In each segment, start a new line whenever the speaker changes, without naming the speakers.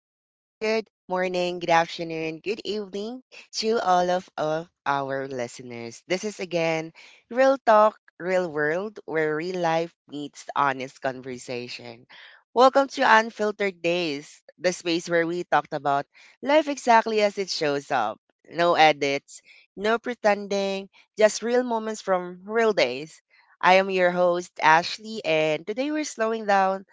Good morning, good afternoon, good evening to all of our listeners. This is again Real Talk, Real World, where real life meets honest conversation. Welcome to Unfiltered Days, the space where we talked about life exactly as it shows up. No edits, no pretending, just real moments from real days. I am your host, Ashley, and today we're slowing down,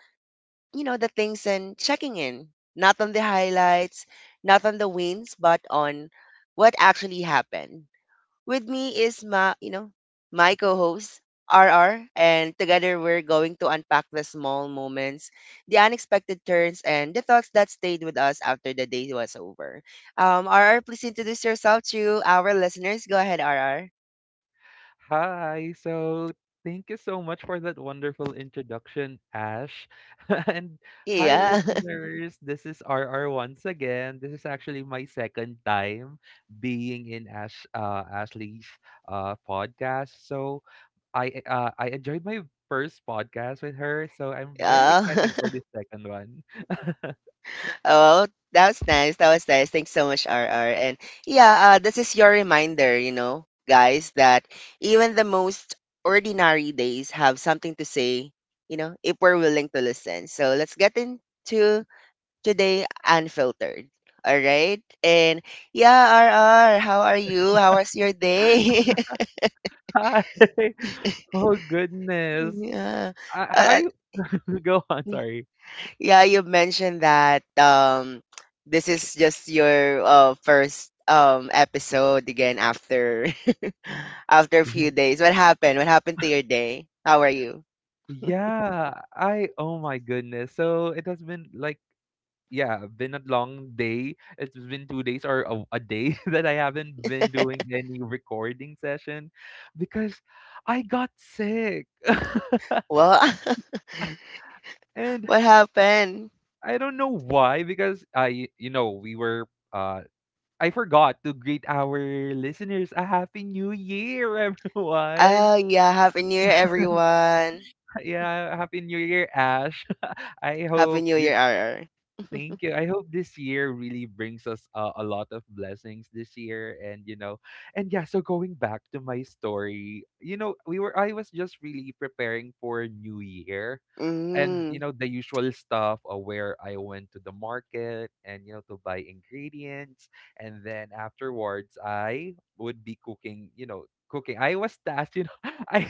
the things, and checking in, not on the highlights, not on the wins, but on what actually happened. With me is my co-host RR, and together we're going to unpack the small moments, the unexpected turns, and the thoughts that stayed with us after the day was over. RR, please introduce yourself to our listeners. Go ahead, RR.
Hi. Thank you so much for that wonderful introduction, Ash. And hi,
Yeah,
listeners. This is RR once again. This is actually my second time being in Ashley's podcast. So, I enjoyed my first podcast with her. So, I'm very
yeah.
excited for this second one.
Oh, that was nice. That was nice. Thanks so much, RR. And yeah, this is your reminder, guys, that even the most ordinary days have something to say, if we're willing to listen. So let's get into today unfiltered. All right. And yeah, RR, how are you? How was your day?
Hi. Oh goodness.
yeah.
How
Uh,
you go on? Sorry.
Yeah, you mentioned that this is just your first episode again after after a few days. What happened? What happened to your day? How are you?
Yeah, I oh my goodness. So it has been been a long day. It's been 2 days or a day that I haven't been doing any recording session because I got sick.
Well,
and
what happened?
I don't know why because I you know, we were uh I forgot to greet our listeners a happy new year everyone.
Oh, yeah, happy new year, everyone.
Yeah, happy new year Ash. I
Happy
hope
new
this
year, RR.
thank you. I hope this year really brings us a lot of blessings this year and you know. And yeah, so going back to my story, you know, we were I was just really preparing for new year and you
Mm.
know the usual stuff where I went to the market and you know to buy ingredients, and then afterwards I would be cooking. I was tasked you know. I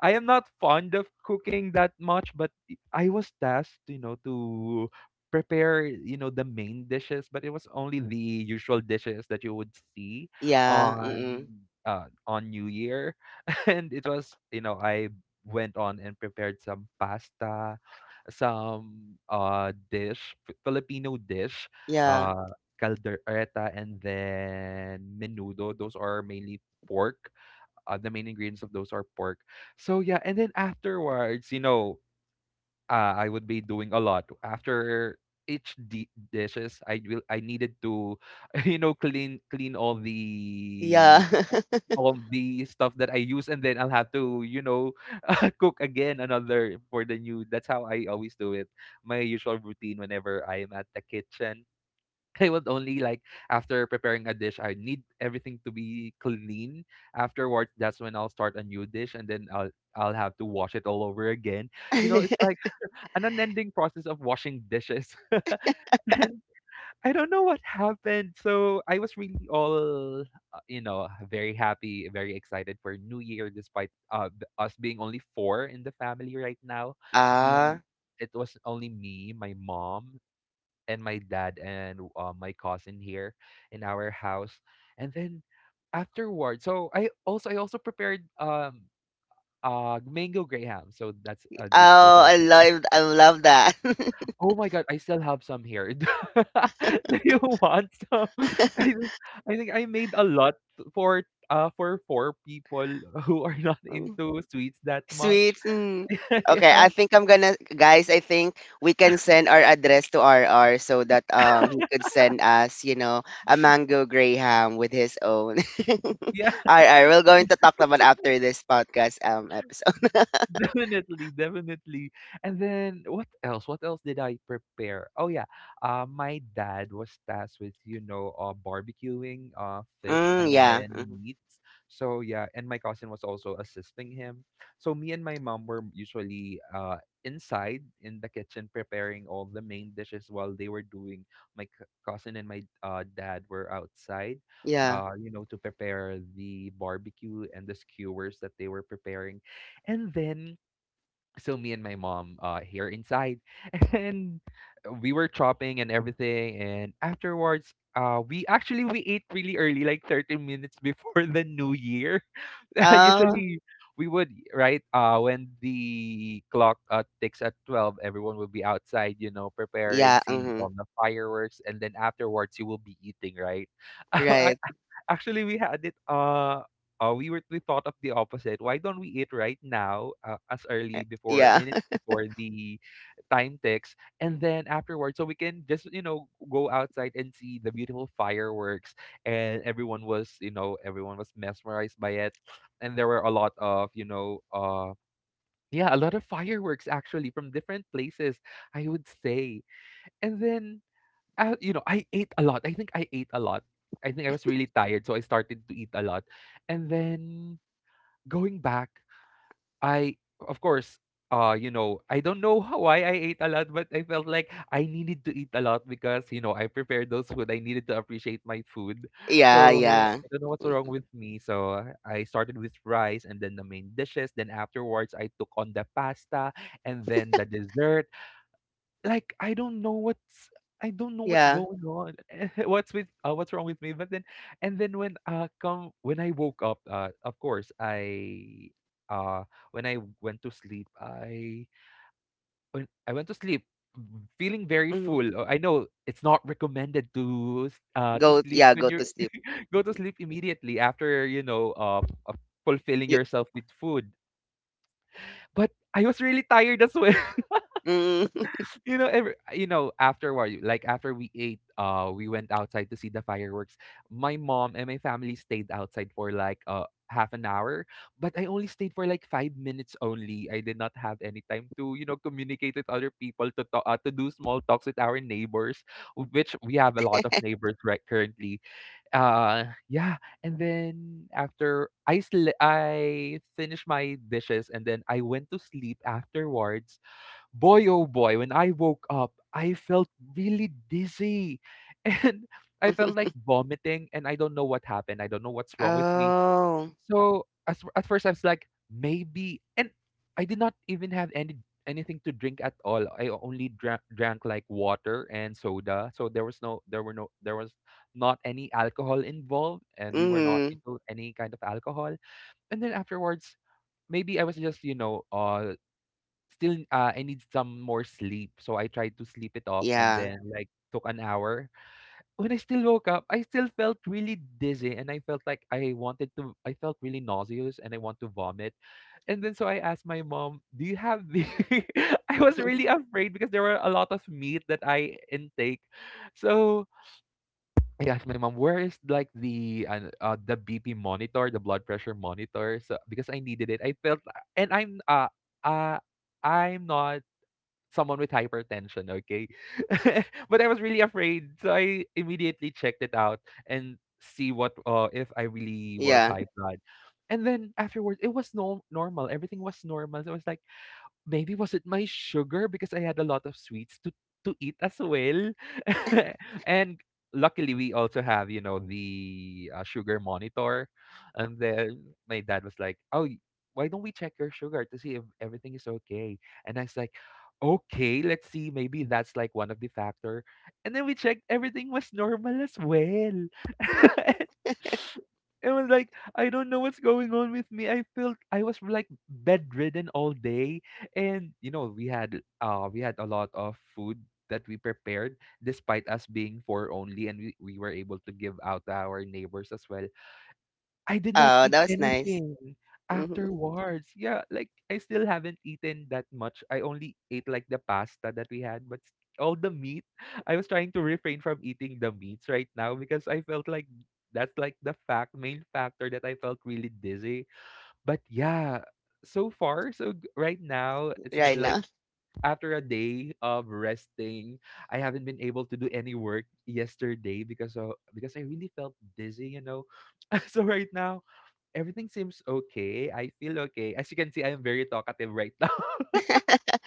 I am not fond of cooking that much, but I was tasked you know to prepare you know the main dishes. But it was only the usual dishes that you would see
Yeah,
on
mm.
on New Year. And it was you know, I went on and prepared some pasta, some dish, Filipino dish,
Yeah.
uh caldereta and then menudo. Those are mainly pork. The main ingredients of those are pork. So yeah, and then afterwards, you know, I would be doing a lot after each dishes. I needed to, you know, clean
Yeah.
all the stuff that I use, and then I'll have to, you know, cook again another for the new. That's how I always do it. My usual routine whenever I am at the kitchen. I would only like after preparing a dish, I need everything to be clean. Afterwards, that's when I'll start a new dish, and then I'll have to wash it all over again. You know, it's like an unending process of washing dishes. I don't know what happened. So I was really all, you know, very happy, very excited for New Year, despite us being only four in the family right now. Me,
Ah.
it was only me, my mom, and my dad, and my cousin here in our house. And then afterward, so I also prepared mango graham. So that's these, those
Oh, I
are.
love I love that.
Oh my god, I still have some here. Do you want some? I think I think I made a lot for for 4 people who are not into sweets that much.
Sweets. Mm. Okay,
Yeah.
I think I'm gonna, guys, I think we can send our address to RR so that he could send us, a mango graham with his own.
Yeah.
RR, we're going to talk about after this podcast episode.
Definitely, definitely. And then what else? What else did I prepare? Oh yeah, my dad was tasked with you know barbecuing fish
Mm,
and
yeah.
then
Mhm.
meats. So yeah, and my cousin was also assisting him. So me and my mom were usually inside in the kitchen preparing all the main dishes while they were doing. My cousin and my dad were outside.
Yeah.
You know, to prepare the barbecue and the skewers that they were preparing. And then so me and my mom here inside and we were chopping and everything. And afterwards we ate really early, like 30 minutes before the new year.
Oh,
Usually we would right when the clock ticks at 12, everyone will be outside you know preparing,
yeah.
seeing
Hmm.
all the fireworks, and then afterwards you will be eating, right?
Right.
Actually, we had it. We thought of the opposite. Why don't we eat right now, as early before
Yeah.
minutes before the time ticks, and then afterwards, so we can just you know go outside and see the beautiful fireworks. And everyone was mesmerized by it, and there were a lot of you know yeah a lot of fireworks actually from different places. I would say, and then you know, I ate a lot. I think I ate a lot. I think I was really tired, so I started to eat a lot. And then going back, I of course, you know, I don't know how, why I ate a lot, but I felt like I needed to eat a lot because, you know, I prepared those food. I needed to appreciate my food.
Yeah,
So
yeah.
I don't know what's wrong
Mm,
with me. So I started with rice and then the main dishes. Then afterwards, I took on the pasta and then the dessert. Like I don't know what's
yeah.
going on. What's with what's wrong with me? But then And then when I woke up, of course I uh when I went to sleep, I when I went to sleep feeling very
Mhm.
full. I know it's not recommended to to
Go
sleep
Yeah,
when
go
you
to sleep.
go to sleep immediately after, you know, uh fulfilling
You
yourself with food. But I was really tired as well.
Mm.
You know every you know after war like after we ate we went outside to see the fireworks. My mom and my family stayed outside for like half an hour, but I only stayed for like 5 minutes only. I did not have any time to you know communicate with other people, to talk to do small talks with our neighbors, which we have a lot of neighbors right currently. Yeah. And then after I finished my dishes and then I went to sleep afterwards. Boy, oh boy, when I woke up, I felt really dizzy, and I felt like vomiting and I don't know what happened. I don't know what's wrong with me.
Oh.
So as, at first I was like, maybe, and I did not even have any anything to drink at all. I only drank like water and soda. So there was no, there were no, there was not any alcohol involved, and we were not
Hmm.
into any kind of alcohol. And then afterwards, maybe I was just, you know, still I need some more sleep. So I tried to sleep it off, and
Yeah.
then like took an hour. When I still woke up, I still felt really dizzy, and I felt like I wanted to I felt really nauseous and I want to vomit. And then so I asked my mom, "Do you have the I was really afraid because there were a lot of meat that I intake. So I asked my mom, "Where is like the BP monitor, the blood pressure monitor?" So because I needed it, I felt. And uh I'm not someone with hypertension, okay? But I was really afraid, so I immediately checked it out and see what if I really was
Yeah.
high blood. And then afterwards, it was no normal. Everything was normal. So I was like, maybe was it my sugar, because I had a lot of sweets to eat as well. And luckily we also have, you know, the sugar monitor. And then my dad was like, "Oh, why don't we check your sugar to see if everything is okay?" And I was like, "Okay, let's see. Maybe that's like one of the factor." And then we checked, everything was normal as well. It was like I don't know what's going on with me. I felt I was like bedridden all day, and you know, we had a lot of food that we prepared despite us being four only, and we were able to give out to our neighbors as well. I did not
Oh,
eat
that was nice.
anything
Hmm.
afterwards. Yeah, like I still haven't eaten that much. I only ate like the pasta that we had, but all the meat, I was trying to refrain from eating the meats right now because I felt like that's like the fact main factor that I felt really dizzy. But yeah, so far so right now it's been
Right
like
now.
after a day of resting, I haven't been able to do any work yesterday because of because I really felt dizzy, you know. So right now, everything seems okay. I feel okay. As you can see, I am very talkative right now.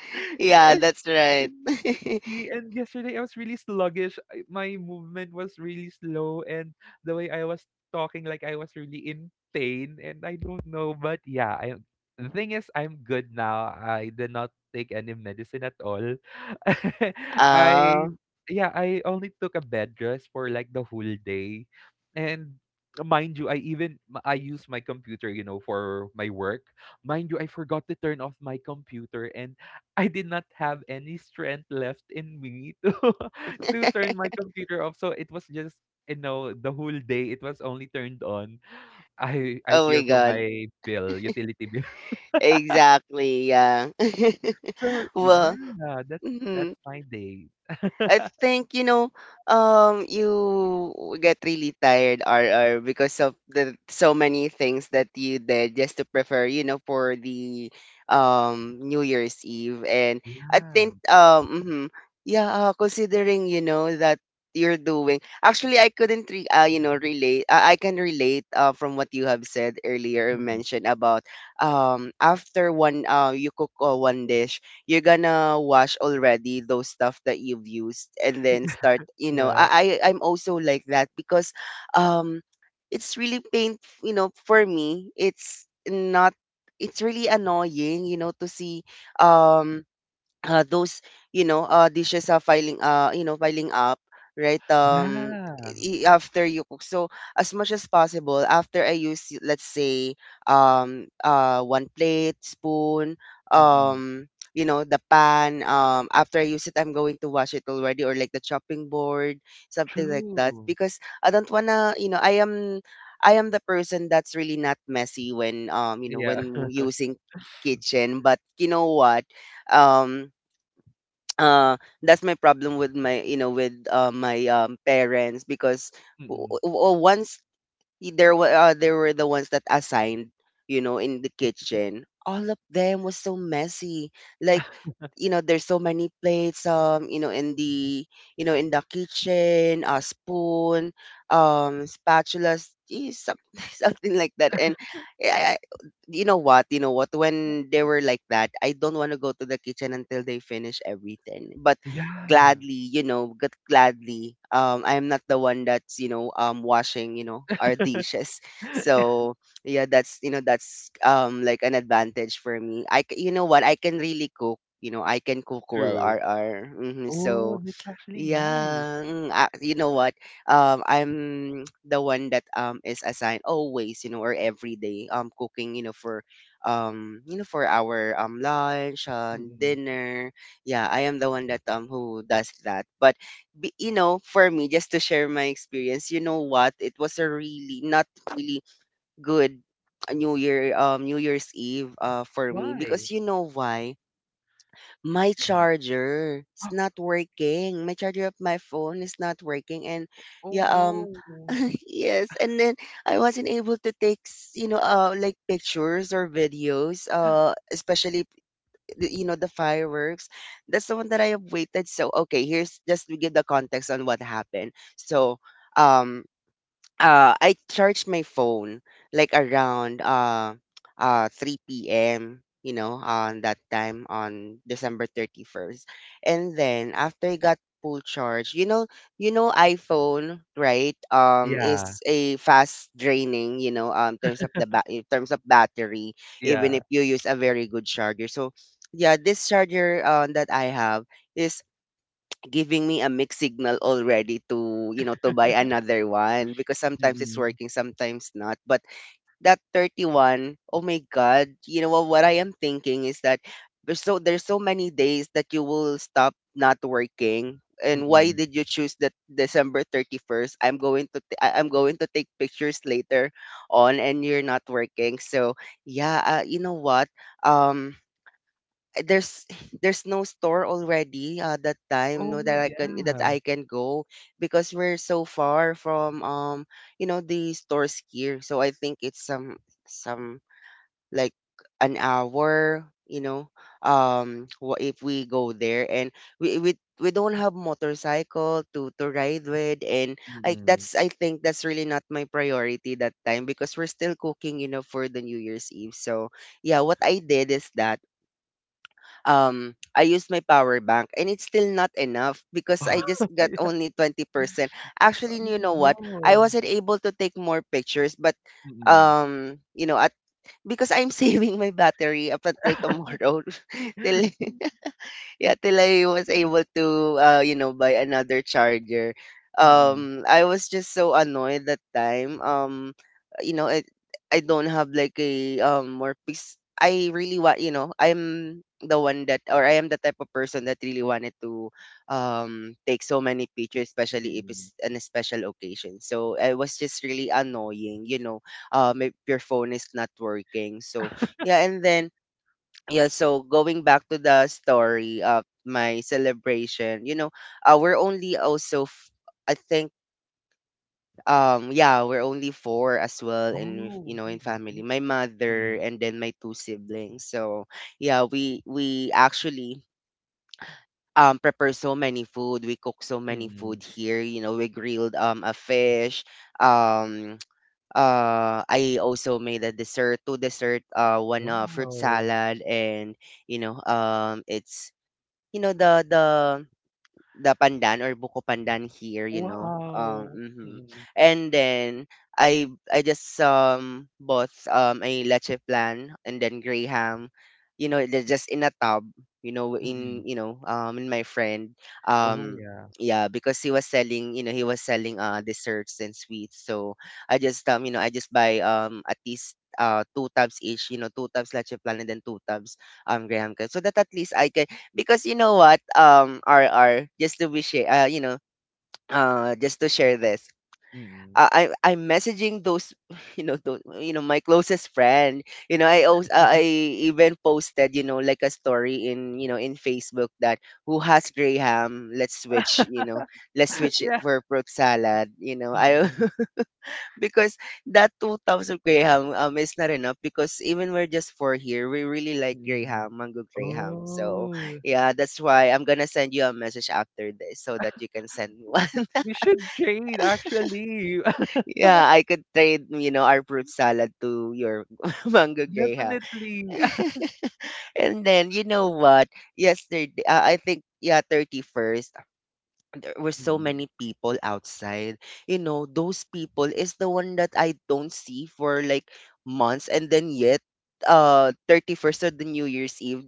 Yeah,
Yes.
that's right.
Exactly. And yesterday I was really sluggish. My movement was really slow, and the way I was talking, like, I was really in pain and I don't know, but yeah, I the thing is I'm good now. I did not take any medicine at all. I
oh,
Yeah, I only took a bed rest for like the whole day. And mind you, I use my computer, you know, for my work. Mind you, I forgot to turn off my computer, and I did not have any strength left in me to to turn my computer off. So it was just the whole day it was only turned on. I
oh my
fear for
God.
my bill, utility bill.
Exactly. Yeah.
So
Well,
yeah, that's
mhm.
my day.
I think, you get really tired, RR, because of the so many things that you did just to prepare, for the New Year's Eve. And I
Yeah.
think, mhm, yeah, considering, that you're doing, actually, I couldn't, relate. I can relate from what you have said earlier,
Mm.
mentioned about, after one, you cook one dish, you're gonna wash already those stuff that you've used, and then start, you know
Yeah.
i, I i'm also like that, because um it's really pain, for me, it's not it's really annoying, to see, um those, dishes are filing you know piling up, right,
Yeah.
after you cook, so as much as possible, after I use, let's say, one plate, spoon,
Mm-mm.
um the pan, after I use it, I'm going to wash it already, or like the chopping board, something like that,
True.
because I don't wanna, I am the person that's really not messy when,
Yeah.
when using kitchen. But you know what? um uh that's my problem with my you know with my parents, because,
Mm-mm.
once, there were the ones that assigned, in the kitchen, all of them was so messy, like, there's so many plates, in the, in the kitchen, a spoon, spatulas, something like that. And eh, I, you know what? You know what? When they were like that, I don't want to go to the kitchen until they finish everything. But
Yeah.
gladly, you
Mm.
know, g- gladly, I'm not the one that's, washing, our dishes. So yeah, that's you know that's like an advantage for me. You know what? I can really cook. I can cook well.
True.
RR. Mm-hmm.
Oh,
So
that's actually nice.
yeah, you know what? I'm the one that is assigned always, or every day cooking, for you know for our lunch and
Mm-mm.
dinner. Yeah, I am the one that who does that. But for me, just to share my experience, you know what? It was a really not really good New Year, New Year's Eve, for me,
Why?
because, you know why? My
Mm.
charger is not working. My charger of my phone is not working, and
Oh,
yeah,
no.
yes, and then I wasn't able to take, like pictures or videos, especially the fireworks. That's the one that I have waited. So okay, here's just to give the context on what happened. So, um, I charged my phone like around 3 p.m., you
Mm.
know, on that time, on December 31st, and then after I got full charge, iPhone, right,
Yeah,
is a fast draining, terms of the ba- in terms of battery, even if
yeah.
you use a very good charger. So yeah, this charger, that I have, is giving me a mixed signal already, to, to buy another one, because sometimes it's
Mm.
working, sometimes not. But that 31, oh my god, you know what, I am thinking is that there's so many days that you will stop not working, and why
Mm.
did you choose that December 31st? I'm going to take pictures later on, and you're not working. So yeah, you know what? um there's there's no store already, that time, no,
Oh, yeah.
that I can go, because we're so far from, the stores here. So I think it's some like an hour, if we go there, and we don't have motorcycle to ride with, and
Mm.
I think that's really not my priority that time, because we're still cooking, for the New Year's Eve. So yeah, what I did is that I used my power bank, and it's still not enough, because I just got
Yeah.
only 20%. Actually, you
Oh,
know what? I
no.
wasn't able to take more pictures, but
Mm.
you know at because I'm saving my battery up until tomorrow till yeah, till I was able to, buy another charger.
Mm. Mm.
I was just so annoyed that time. You know, it, I don't have like a more piece I really want, you know, I'm the one that, or I am the type of person that really wanted to take so many pictures, especially if it's an a special occasion. So I was just really annoying, you know, if your phone is not working. So yeah, and then yeah, so going back to the story of my celebration, we're only also I think, yeah, we're only four as well in,
Oh,
in family,
really?
my mother
Mm.
and then my two siblings. So yeah, we actually prepare so many food, we cook so many
Mm.
food here, you know, we grilled a fish, um I also made a dessert two dessert, one fruit
Wow.
salad, and it's, you know, the the the pandan or buko pandan here.
Wow.
Mhm.
Mm.
And then I just bought a leche plan, and then gray ham, you know, they're just in a tub, you know,
Mm.
in, my friend.
Oh,
Um
yeah.
yeah, because he was selling, you know, he was selling desserts and sweets. So I just buy at least two tubs each, you know, two tubs leche plan, and then two tubs graham cake. So that at least I can, because, you know what, RR, just to be share, just to share this,
Mm.
I'm messaging those those, my closest friend, I also, I even posted, like a story in, in Facebook, that, who has graham, let's switch, let's switch it
Yeah.
for fruit salad, you know I
Mm.
because that 2,000 graham is not enough, because even we're just four here, we really like
Mm.
graham, mango graham. So
Oh.
yeah, that's why I'm gonna send you a message after this so that you can send me one.
We should trade, actually.
Yeah, I could trade, our fruit salad to your mango graham.
Definitely.
And then you know what? Yesterday, I think, yeah, 31st. There were so
Mm.
many people outside. You know, those people is the one that I don't see for like months, and then yet 31st of the New Year's Eve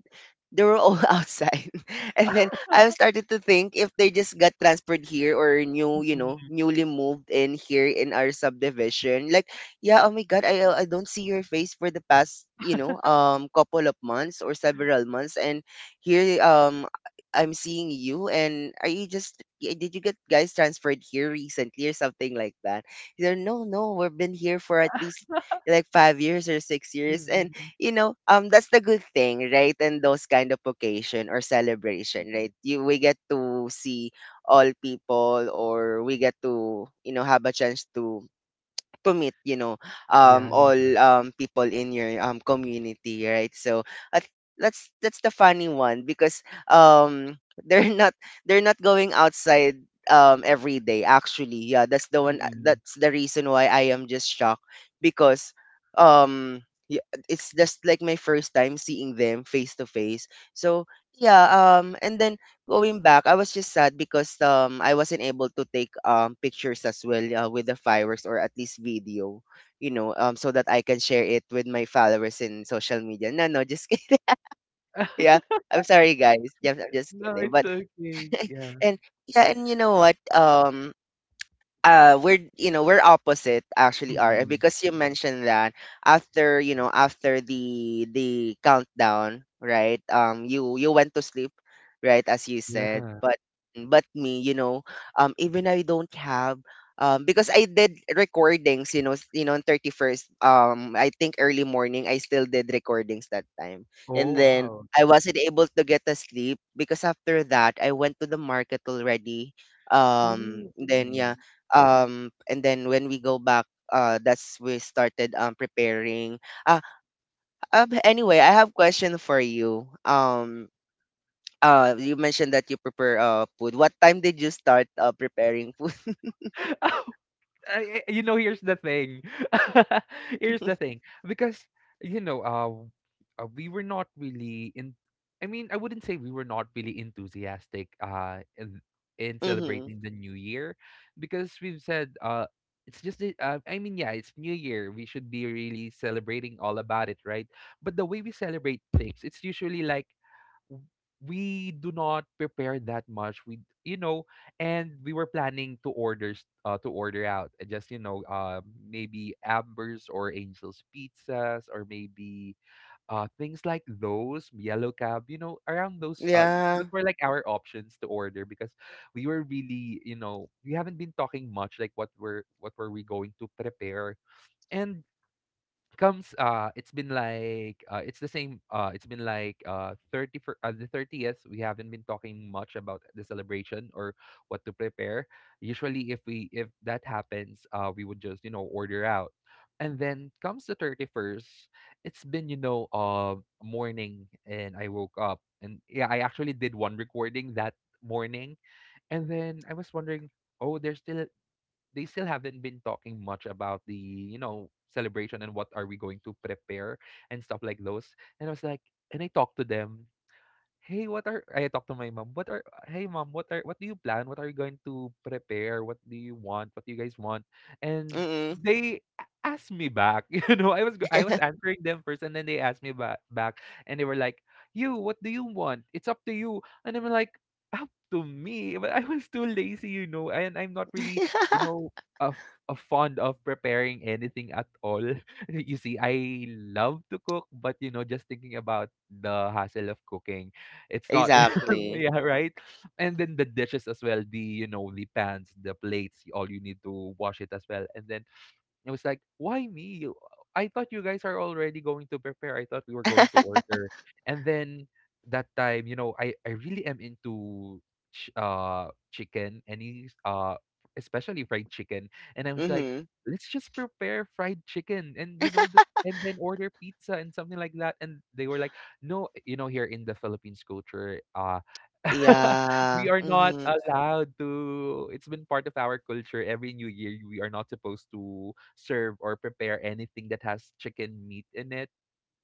they were all outside. And then I started to think if they just got transferred here or new,
Mm, mm.
newly moved in here in our subdivision. Like, yeah, oh my god, I don't see your face for the past, couple of months or several months and here I'm seeing you, and are you just did you get guys transferred here recently or something like that? He's like, no, no, we've been here for at least like 5 years or 6 years. And that's the good thing, right? And those kind of occasion or celebration, right?
Mm,
You we get to see all people, or we get to, you know, have a chance to meet
yeah.
all people in your community, right? So at, that's the funny one because um they're not they're not going outside every day actually. Yeah, that's the one,
Mm.
that's the reason why I am just shocked because um it's just like my first time seeing them face to face. So yeah, and then going back, I was just sad because I wasn't able to take pictures as well, with the fireworks, or at least video, you know, so that I can share it with my followers in social media. No, no, just kidding. Yeah. I'm sorry guys. Yeah, I'm just
No,
kidding.
it's
But
okay, yeah.
and yeah, and you know what? We're we're opposite actually are,
Mm,
because you mentioned that after after the countdown, right? You went to sleep right as you said.
yeah.
But me, you know, even I don't have because I did recordings, you know, on 31st, I think early morning I still did recordings that time. And
Oh,
then
wow.
I wasn't able to get a sleep because after that I went to the market already.
Oh.
Then yeah.
Mm.
And then when we go back, that's we started preparing. uh anyway, I have question for you. You mentioned that you prepare food. What time did you start preparing food?
Here's the thing. Here's the thing. Because, we were not really in. I mean, I wouldn't say we were not really enthusiastic, in,
Mm-hmm.
celebrating the new year because we've said, it's just, I mean, yeah, it's new year. We should be really celebrating all about it, right? But the way we celebrate things, it's usually like w- we do not prepare that much, we you know and we were planning to order out, just, maybe ambers or angels pizzas, or maybe things like those, yellow cab, you know, around those,
Yeah,
those were like our options to order because we were really, we haven't been talking much like what were we going to prepare. And comes, it's been like, it's the same, it's been like, 30 for, the 30th, we haven't been talking much about the celebration or what to prepare. Usually, if that happens, we would just, order out. And then comes the 31st, it's been, morning, and I woke up, and yeah, I actually did one recording that morning. And then I was wondering, oh, there's still, they still haven't been talking much about the celebration and what are we going to prepare and stuff like those. And I talked to them, "Hey, what are—" I talked to my mom, "What are hey mom, what are what do you plan? What are you going to prepare? What do you want? What do you guys want?" And
mm-hmm.
they asked me back. You know, I was answering them first, and then they asked me back, and they were like, "You, what do you want? It's up to you." And I'm like, "Up to me?" But I was too lazy, and I'm not really, you know, a fond of preparing anything at all. You see, I love to cook, but you know, just thinking about the hassle of cooking, it's not
Exactly.
yeah, right? And then the dishes as well, the pans, the plates, all you need to wash it as well. And then it was like, "Why me? You I thought you guys are already going to prepare. I thought we were going to order." And then that time, you know, I really am into chicken, any especially fried chicken. And I was like,
Mm-hmm.
"Let's just prepare fried chicken, and you know the, and then order pizza and something like that." And they were like, "No, you know, here in the Philippines culture, we
Yeah,
are not
mm-hmm.
allowed to it's been part of our culture. Every new year, we are not supposed to serve or prepare anything that has chicken meat in it."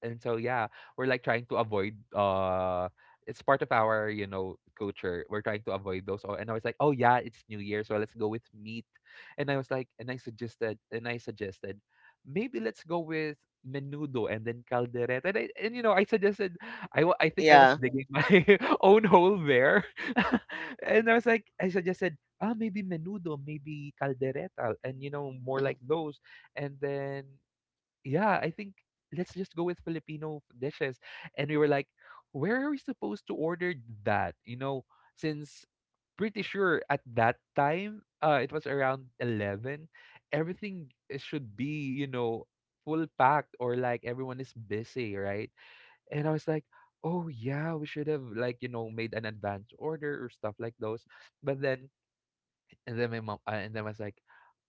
And so yeah, we're like trying to avoid, it's part of our, culture. We're trying to avoid those. Oh, and I was like, oh yeah, it's new year, so let's go with meat. And I was like, and I suggested maybe let's go with menudo and then caldereta, and I suggested, I think I was
Yeah,
digging my own hole there. And I was like, I suggested, maybe menudo, maybe caldereta, and more like
mhm.
those. And then yeah, I think let's just go with Filipino dishes. And we were like, where are we supposed to order that? You know, since pretty sure at that time, it was around 11, everything should be, you know, full packed, or like everyone is busy, right? And I was like, oh yeah, we should have like, made an advance order or stuff like those. But then, and then I was like,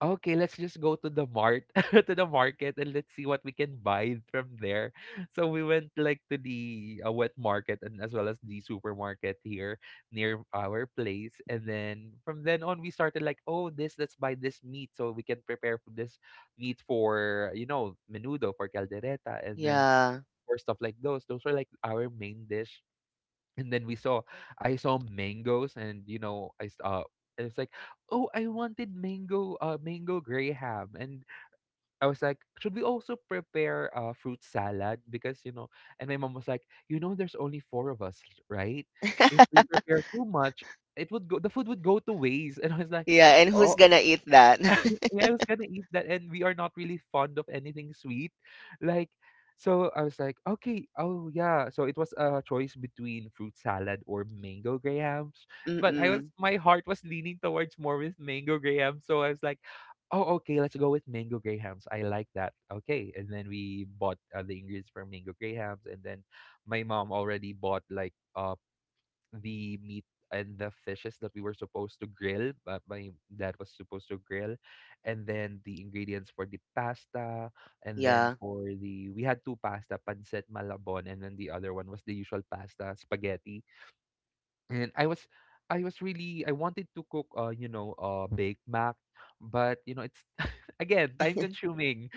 "Okay, let's just go to the mart to the market, and let's see what we can buy from there." So we went like to the wet market, and as well as the supermarket here near our place. And then from then on, we started like, "Oh, this, let's buy this meat so we can prepare for this meat for, menudo, for caldereta, and then
Yeah.
for stuff like those." Those were like our main dish. And then we saw I saw mangoes, and you know I it's like, oh, I wanted mango graham. And I was like, should we also prepare fruit salad, because, you know. And my mom was like, you know, there's only four of us, right? If we prepare too much, it would go the food would go to waste. And I was like,
Yeah, and who's
"Oh,
gonna eat that?
yeah, I was gonna eat that, and we are not really fond of anything sweet." Like, so I was like, okay, oh yeah. So it was a choice between fruit salad or mango grahams, but I was
Mm-mm.
my heart was leaning towards more with mango graham. So I was like, oh okay, let's go with mango grahams. I like that. Okay, and then we bought the ingredients for mango grahams. And then my mom already bought like. The meat and the fishes that we were supposed to grill. My dad was supposed to grill, and then the ingredients for the pasta, and then
Yeah.
for the we had two pasta, pancit malabon, and then the other one was the usual pasta, spaghetti. And I was really, I wanted to cook you know, baked mac, but you know, it's again time consuming.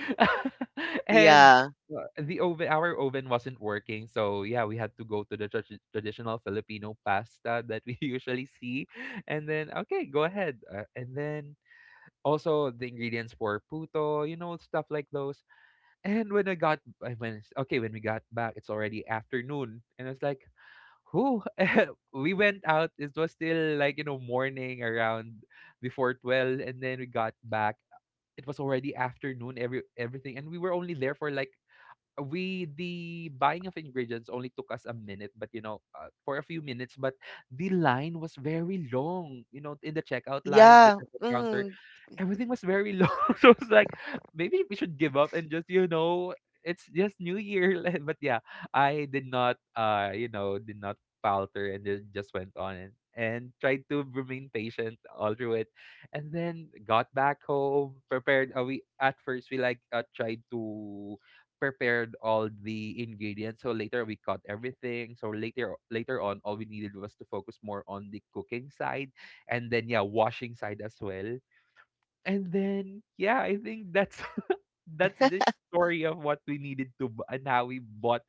And
Yeah.
the oven, our oven wasn't working, so yeah, we had to go to the traditional Filipino pasta that we usually see. And then okay, go ahead, and then also the ingredients for puto, you know, stuff like those. And when I got I when okay, when we got back, it's already afternoon, and I was like, who we went out, it was still like, you know, morning, around before 12, and then we got back, it was already afternoon. Everything. And we were only there for like we the buying of ingredients only took us a minute, but you know, for a few minutes, but the line was very long, you know, in the checkout line, the
Yeah.
checkout counter,
Mhm.
everything was very low. So it's like, maybe we should give up and just, you know, it's just New Year. But yeah, I did not, you know, did not falter, and then just went on and tried to remain patient all through it. And then got back home, prepared we at first, we like, tried to prepared all the ingredients, so later we cut everything, so later, on all we needed was to focus more on the cooking side, and then yeah, washing side as well. And then yeah, I think that's that's the story of what we needed to and how we bought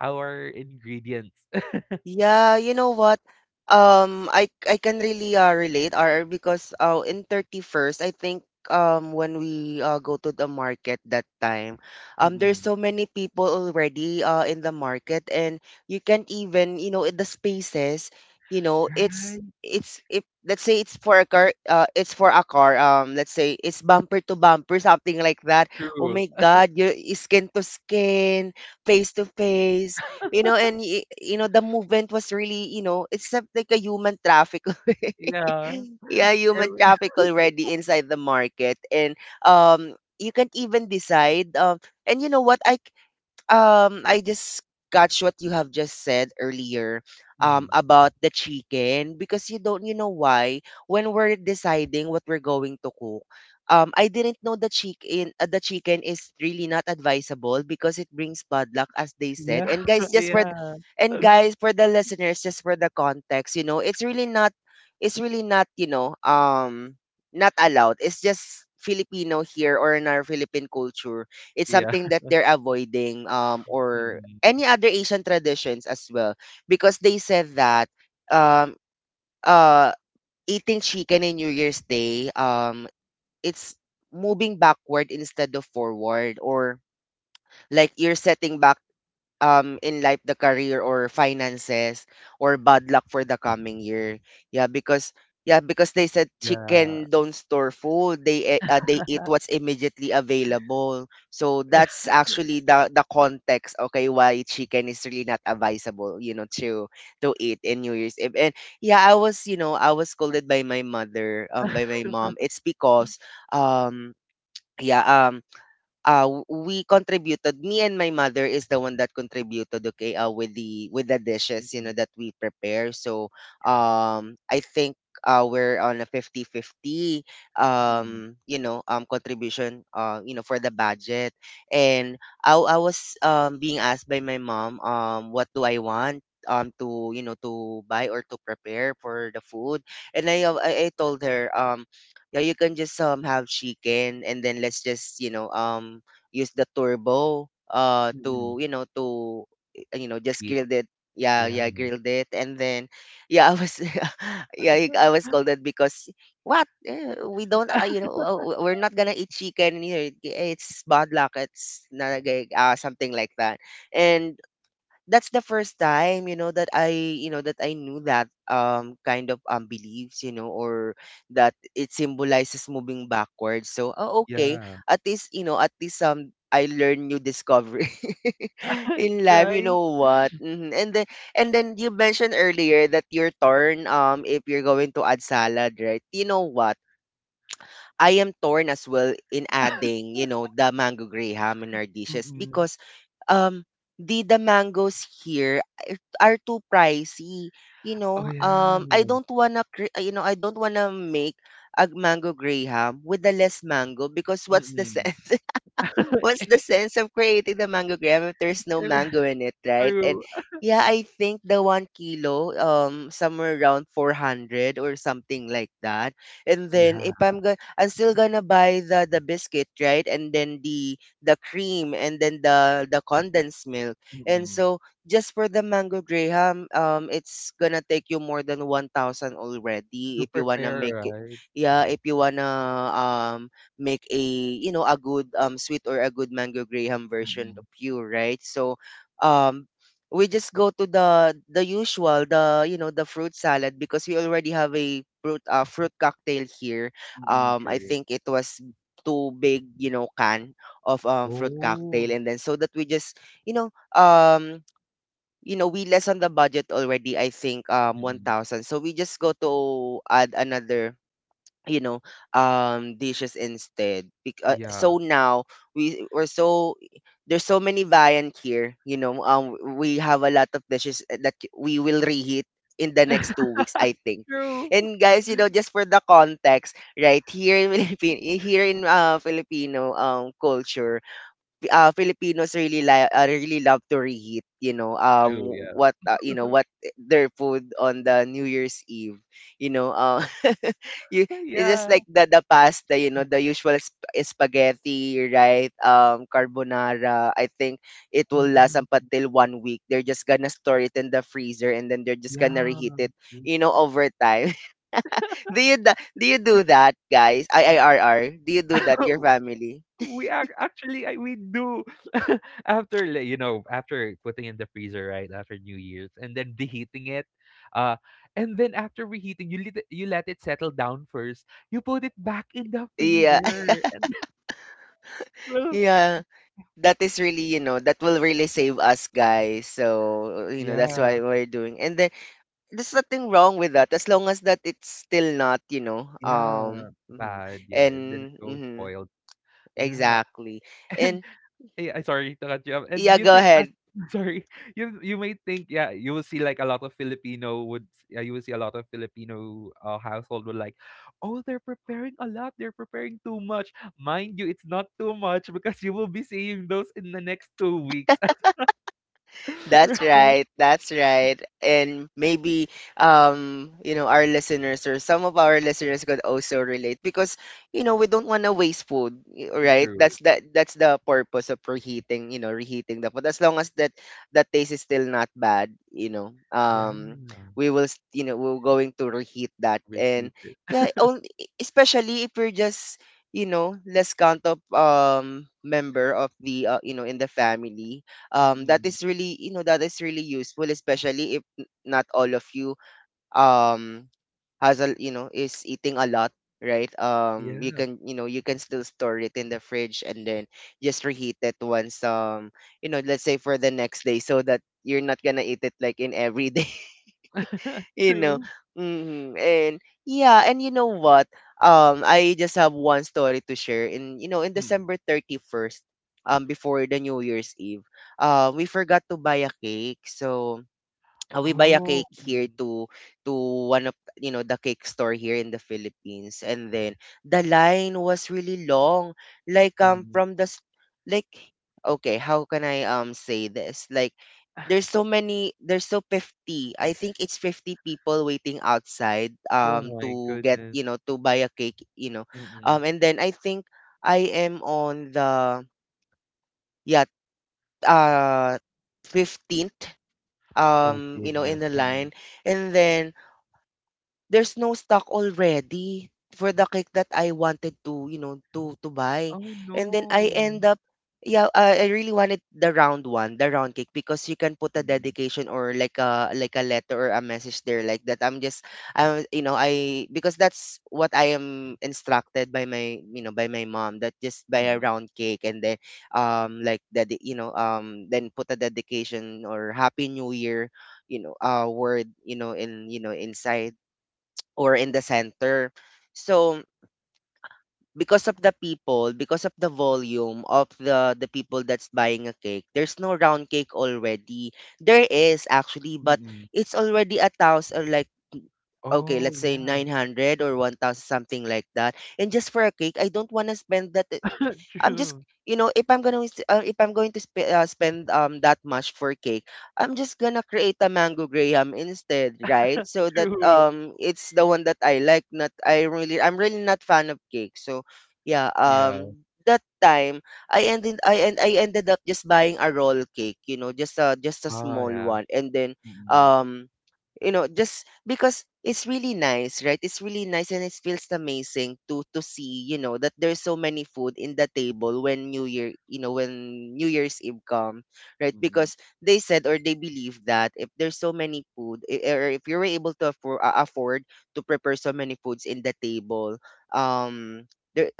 our ingredients.
Yeah, you know what? I can really, relate, or because in 31st, I think when we, go to the market that time, there's
Mm-mm.
so many people already in the market, and you can't even, you know, in the spaces, you know,
Right.
it's if let's say it's for a car, it's for a car, let's say it's bumper to bumper, something like that. Oh
True.
my God, you skin to skin, face to face. You know, and you know the movement was really, you know, it's like a human traffic.
Yeah.
Yeah, human
Every—
traffic already inside the market. And um you can't even decide. And you know what, I I just catch what you have just said earlier
Mhm.
about the chicken, because you don't, you know why, when we're deciding what we're going to cook, I didn't know the chicken, the chicken is really not advisable because it brings bad luck, as they said.
Yeah.
And guys, just for
Yeah.
and guys, for the listeners, just for the context, you know, it's really not, you know, not allowed. It's just Filipino here, or in our Philippine culture, it's
Yeah.
something that they're avoiding, or
Mm-mm.
any other Asian traditions as well. Because they said that um uh eating chicken in New Year's Day, it's moving backward instead of forward, or like you're setting back in life, the career or finances, or bad luck for the coming year. Yeah, because yeah, because they said
Yeah.
chicken don't store food. They they eat what's immediately available. So that's actually the context. Okay, why chicken is really not advisable, you know, to eat in New Year's Eve. And yeah, I was, you know, I was scolded by my mother, by my mom. It's because um yeah, we contributed. Me and my mother is the one that contributed. Okay, with the dishes, you know,
Mm-mm.
that we prepare. So,
Yeah.
I think we're on a 50-50,
Mm-mm.
you know contribution, you know, for the budget. And I was being asked by my mom, what do I want, to, you know, to buy or to prepare for the food. And I told her, yeah, you can just have chicken, and then let's just, you know, use the turbo to,
Mm-mm.
you know, to, you know, just
Heat.
grilled it. Yeah,
Yeah.
yeah, grilled it. And then yeah, I was yeah, I was called that because what? Eh, we don't, you know, we're not gonna eat chicken here. It's bad luck. It's not a gig," something like that. And that's the first time, you know, that I you know that I knew that kind of beliefs, you know, or that it symbolizes moving backwards. So oh, okay,
Yeah.
at least, you know, at least I learned new discovery in life. You
Right.
know what? Mhm. And then and then you mentioned earlier that you're torn if you're going to add salad, right? You know what, I am torn as well in adding, you know, the mango graham in our dishes.
Mm-mm.
Because um the mangoes here are too pricey, you
Oh
know.
yeah.
I don't wanna you know, I don't wanna make a mango graham with the less mango, because what's the
Mm-mm.
sense, what's the sense of creating the mango graham if there's no mango in it, right? And
True.
yeah, I think the 1 kilo, somewhere around 400 or something like that. And
Yeah.
then if I'm gonna, I'm still gonna buy the biscuit, right? And then the cream, and then the condensed milk. And
Mm-mm.
so just for the mango graham, it's gonna take you more than 1,000 already
To
if you wanna
prepare,
make it.
right?
Yeah, if you wanna um make a, you know, a good, sweet or a good mango graham version
Mm,
of you, right? So um we just go to the usual, the, you know, the fruit salad, because we already have a fruit, fruit cocktail here.
mm,
I
true.
think it was too big, you know, can of, fruit cocktail.
Oh,
And then so that we just, you know, you know, we lessen the budget already, I think
mm, mm
1,000. So we just go to add another, you know, dishes instead.
yeah.
So now we we're so there's so many variant here, you know. We have a lot of dishes that we will reheat in the next 2 weeks, I think.
True.
And guys, you know, just for the context, right, here in Philippine, here in filipino culture, Filipinos really really love to reheat, you know,
True, yeah.
what you know what, their food on the New Year's Eve, you know, you, it's just
Yeah.
like the pasta, you know, the usual spaghetti, right? Carbonara. I think it will last
Mm,
up
mm
until 1 week. They're just gonna store it in the freezer, and then they're just gonna
yeah.
reheat
Mm.
it, you know, over time. Do you do you do that, guys? IIRR. Do you do that your family?
We are actually, we do after like, you know, after putting in the freezer right after New Year's and then reheating it, uh, and then after reheating you let it settle down first. You put it back in the
Yeah.
freezer and
Yeah. That is really, you know, that will really save us guys. So you know, that's
Yeah,
why we're doing. And then there's nothing wrong with that, as long as that it's still not, you know,
yeah.
mhm.
Bad, yeah. And then it
And
goes
mhm,
spoiled. Yeah,
exactly.
and
And
yeah, I sorry to cut you off, and
yeah,
you
go
think
ahead.
sorry, you may think, yeah, you will see, like, a lot of Filipino would yeah, you will see a lot of Filipino, household would like, "Oh, they're preparing a lot, they're preparing too much." Mind you, it's not too much because you will be seeing those in the next 2 weeks,
That's
right?
right. That's right. And maybe you know, our listeners or some of our listeners could also relate. Because you know, we don't want to waste food,
Mm,
right?
true.
That's that's the purpose of reheating, you know, reheating the food. As long as that that taste is still not bad, you know.
Yeah,
We're going to reheat that. And
reheated.
Yeah, especially if we're just less count of member of the in the family, that
Mm.
is really that is really useful, especially if not all of you um has a you know is eating a lot, right? You
Yeah.
can you can still store it in the fridge and then just reheat it once. Let's say for the next day, so that you're not gonna eat it like in every day. you know.
True.
And yeah, and you know what? I just have one story to share. In
Mm.
December 31st, before the New Year's Eve, we forgot to buy a cake. So we buy a
Oh,
cake
mm,
here to one of the cake store here in the Philippines. And then the line was really long, like
mm.
like okay, how can I say this? Like there's so many there's so 50, I think it's 50 people waiting outside,
Oh my
to get
goodness.
to buy a cake, you know.
Mm.
And then I think I am on the, yeah, uh 15th,
Oh,
you know, in
goodness,
the line.
mm.
And then there's no stock already for the cake that I wanted to, you know, to buy.
Oh,
And then I
no.
end up, yeah, I really wanted the round one, the round cake, because you can put a
Mm,
dedication or like a letter or a message there, like that. I'm just, I, because that's what I am instructed by my, you know, by my mom, that just buy a
mm,
round cake and then, like that, you know, then put a dedication or happy new year, word, you know in you know inside or in the center. So because of the people, because of the volume of the people that's buying a cake, there's no round cake already. There is actually, but
mm.
it's already a thousand, or like, okay,
Oh,
let's say
yeah.
900 or 1000, something like that. And just for a cake, I don't want to spend that. I'm just,
True,
you know, if I'm going to spend that much for cake, I'm just gonna create a mango graham instead, right? So that
true.
it's the one that I like. Not I really I'm really not fan of cake. So yeah,
Yeah.
that time I ended up just buying a roll cake, you know, just a
Oh,
small
yeah.
one. And then,
Mm,
um you know, just because it's really nice, right? It's really nice, and it feels amazing to see, you know, that there's so many food in the table when new year, you know, when new year's eve come, right?
mm.
Because they said, or they believe, that if there's so many food, I- or if you were able to afford, to prepare so many foods in the table, um there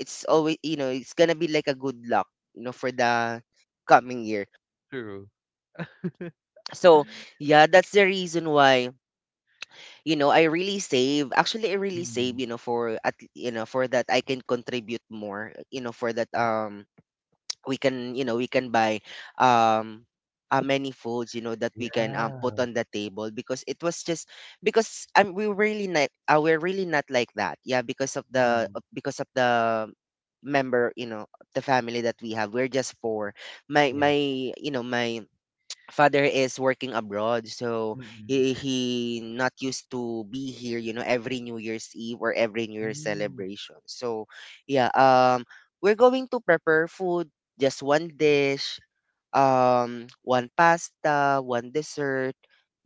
it's always, you know, it's gonna be like a good luck, you know, for the coming year.
True.
So yeah, that's the reason why, you know, I really save,
Mm.
you know, for that, I can contribute more, you know, for that.
True.
We can, you know, we can buy um many foods, you know, that we can, put
Yeah.
on the table. Because it was just, because I'm we really not we're really not like that, yeah. Because of the
Mm.
because of the member, you know, the family that we have, we're just four. my
Yeah.
my you know My father is working abroad, so
Mm.
he not used to be here, you know, every new year's eve or every new year's
Mm.
celebration. So yeah, we're going to prepare food, just one dish, one pasta, one dessert.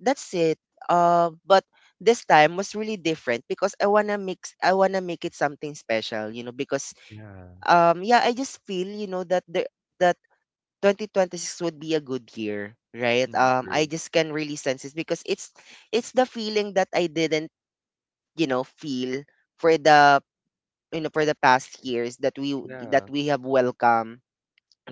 That's it. But this time was really different, because I want to mix, I want to make it something special, you know, because,
Yeah.
yeah, I just feel, you know, that the that 2026 would be a good year, right?
Mm,
I
true.
just can really sense it, because it's the feeling that I didn't, you know, feel for the for the past years that
Yeah.
we have welcomed,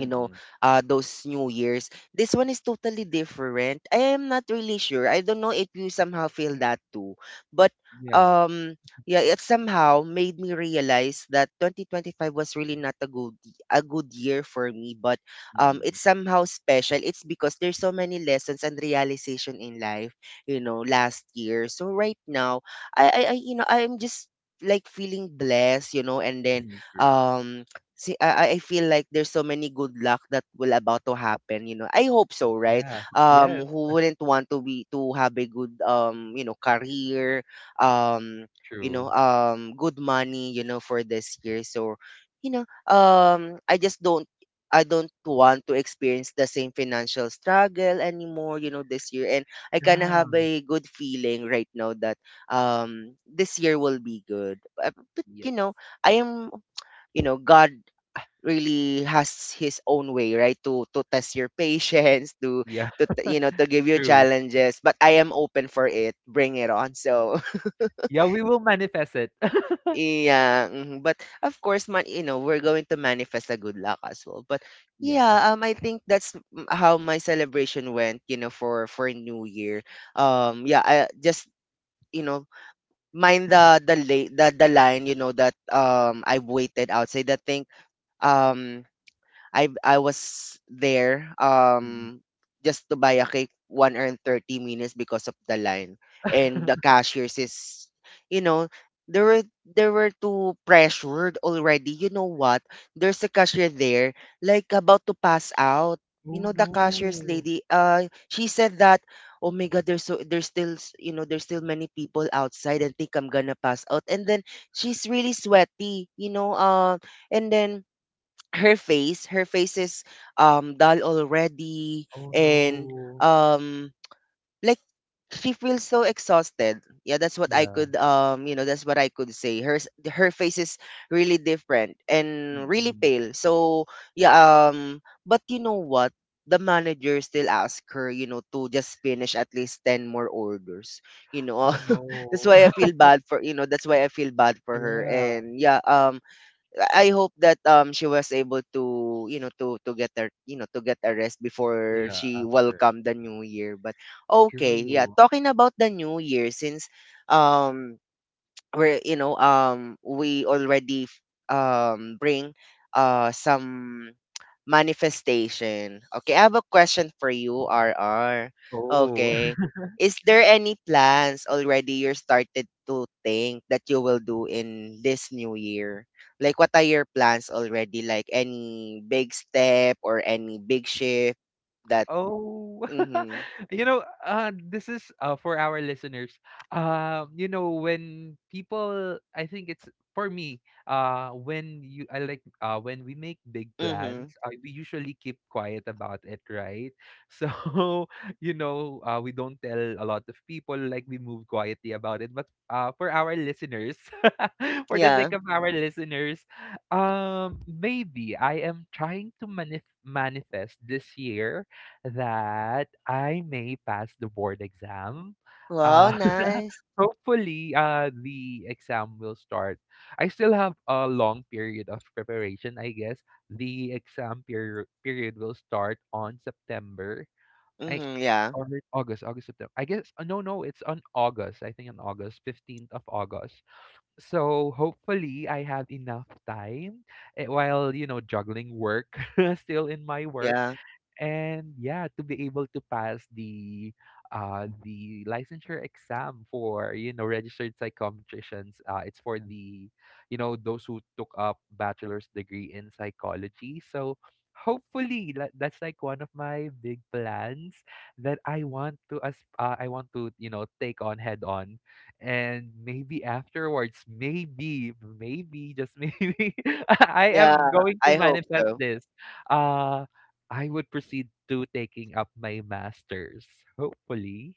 you know, those new years. This one is totally different. I am not really sure, I don't know if you somehow feel that too. But
Yeah.
um yeah, it somehow made me realize that 2025 was really not a good year for me. But it's
Mm.
somehow special, it's because there's so many lessons and realization in life, you know, last year. So right now, I you know I'm just like feeling blessed, you know, and then,
Mm, true.
um see, I feel like there's so many good luck that will about to happen, you know. I hope so, right?
Yeah. Yes,
Who wouldn't want to be to have a good, career, um,
true.
good money, you know, for this year. So, you know, um, I just don't I don't want to experience the same financial struggle anymore, you know, this year. And I kind of
Yeah.
have a good feeling right now that this year will be good. But, you
Yes.
know, I am, god really has his own way, right? To test your patience, to
Yeah,
to give you
true.
challenges. But I am open for it. Bring it on. So
Yeah, we will manifest it.
yeah, mhm. But of course, man, you know, we're going to manifest a good luck as well. But
Yeah.
yeah, I think that's how my celebration went. You know, for New Year. Yeah, I just, you know mind the late the line. You know that I waited outside. I think um I was there
Mm.
just to buy a cake 1 hour and 30 minutes because of the line. And the cashiers is, you know, there were too pressured already. You know what? There's a cashier there like about to pass out. You
Oh,
know, the cashier's
no.
lady, uh, she said that, oh my God, there's still there's still many people outside and think I'm gonna pass out. And then she's really sweaty, you know. And then her face is dull already,
Oh,
and
no.
um like she feels so exhausted, yeah. That's what I
Yeah.
could that's what I could say, her her face is really different and really
Mm-mm.
pale. So yeah, but you know what, the manager still asked her, you know, to just finish at least 10 more orders, you know.
Oh,
That's
no.
why I feel bad for you know that's why I feel bad for her.
Yeah.
And yeah, I hope that she was able to, to get her, to get a rest before
Yeah,
she
after.
welcomed the new year. But okay, yeah.
True.
Talking about the new year, since um where you know we already bring some manifestation, okay, I have a question for you, rr.
Oh.
Okay, is there any plans already you started to think that you will do in this new year? Like, what are your plans already? Like any big step or any big shift that,
Oh,
mhm.
you know, this is for our listeners. You know, when people, I think it's for me. When you, I like, when we make big plans,
Mhm.
we usually keep quiet about it, right? So, you know, we don't tell a lot of people. Like we move quietly about it. But for our listeners, for the
Yeah.
sake of our listeners, maybe I am trying to manifest this year that I may pass the board exam.
Wow,
Uh,
nice.
hopefully, the exam will start. I still have a long period of preparation, I guess. The exam period will start on September. I
Mhm. Yeah.
or August, September. I guess no, no, it's on August. I think on August, 15th of August. So hopefully I have enough time while, you know, juggling work still in my work
Yeah.
and yeah to be able to pass the licensure exam for, you know, registered psychometricians. It's for the, you know, those who took up bachelor's degree in psychology. So hopefully that, that's like one of my big plans that I want to as I want to, you know, take on head on. And maybe afterwards, maybe maybe just maybe I
Yeah,
am going to
I hope
manifest
so.
this. Uh, I would proceed to taking up my master's. Hopefully,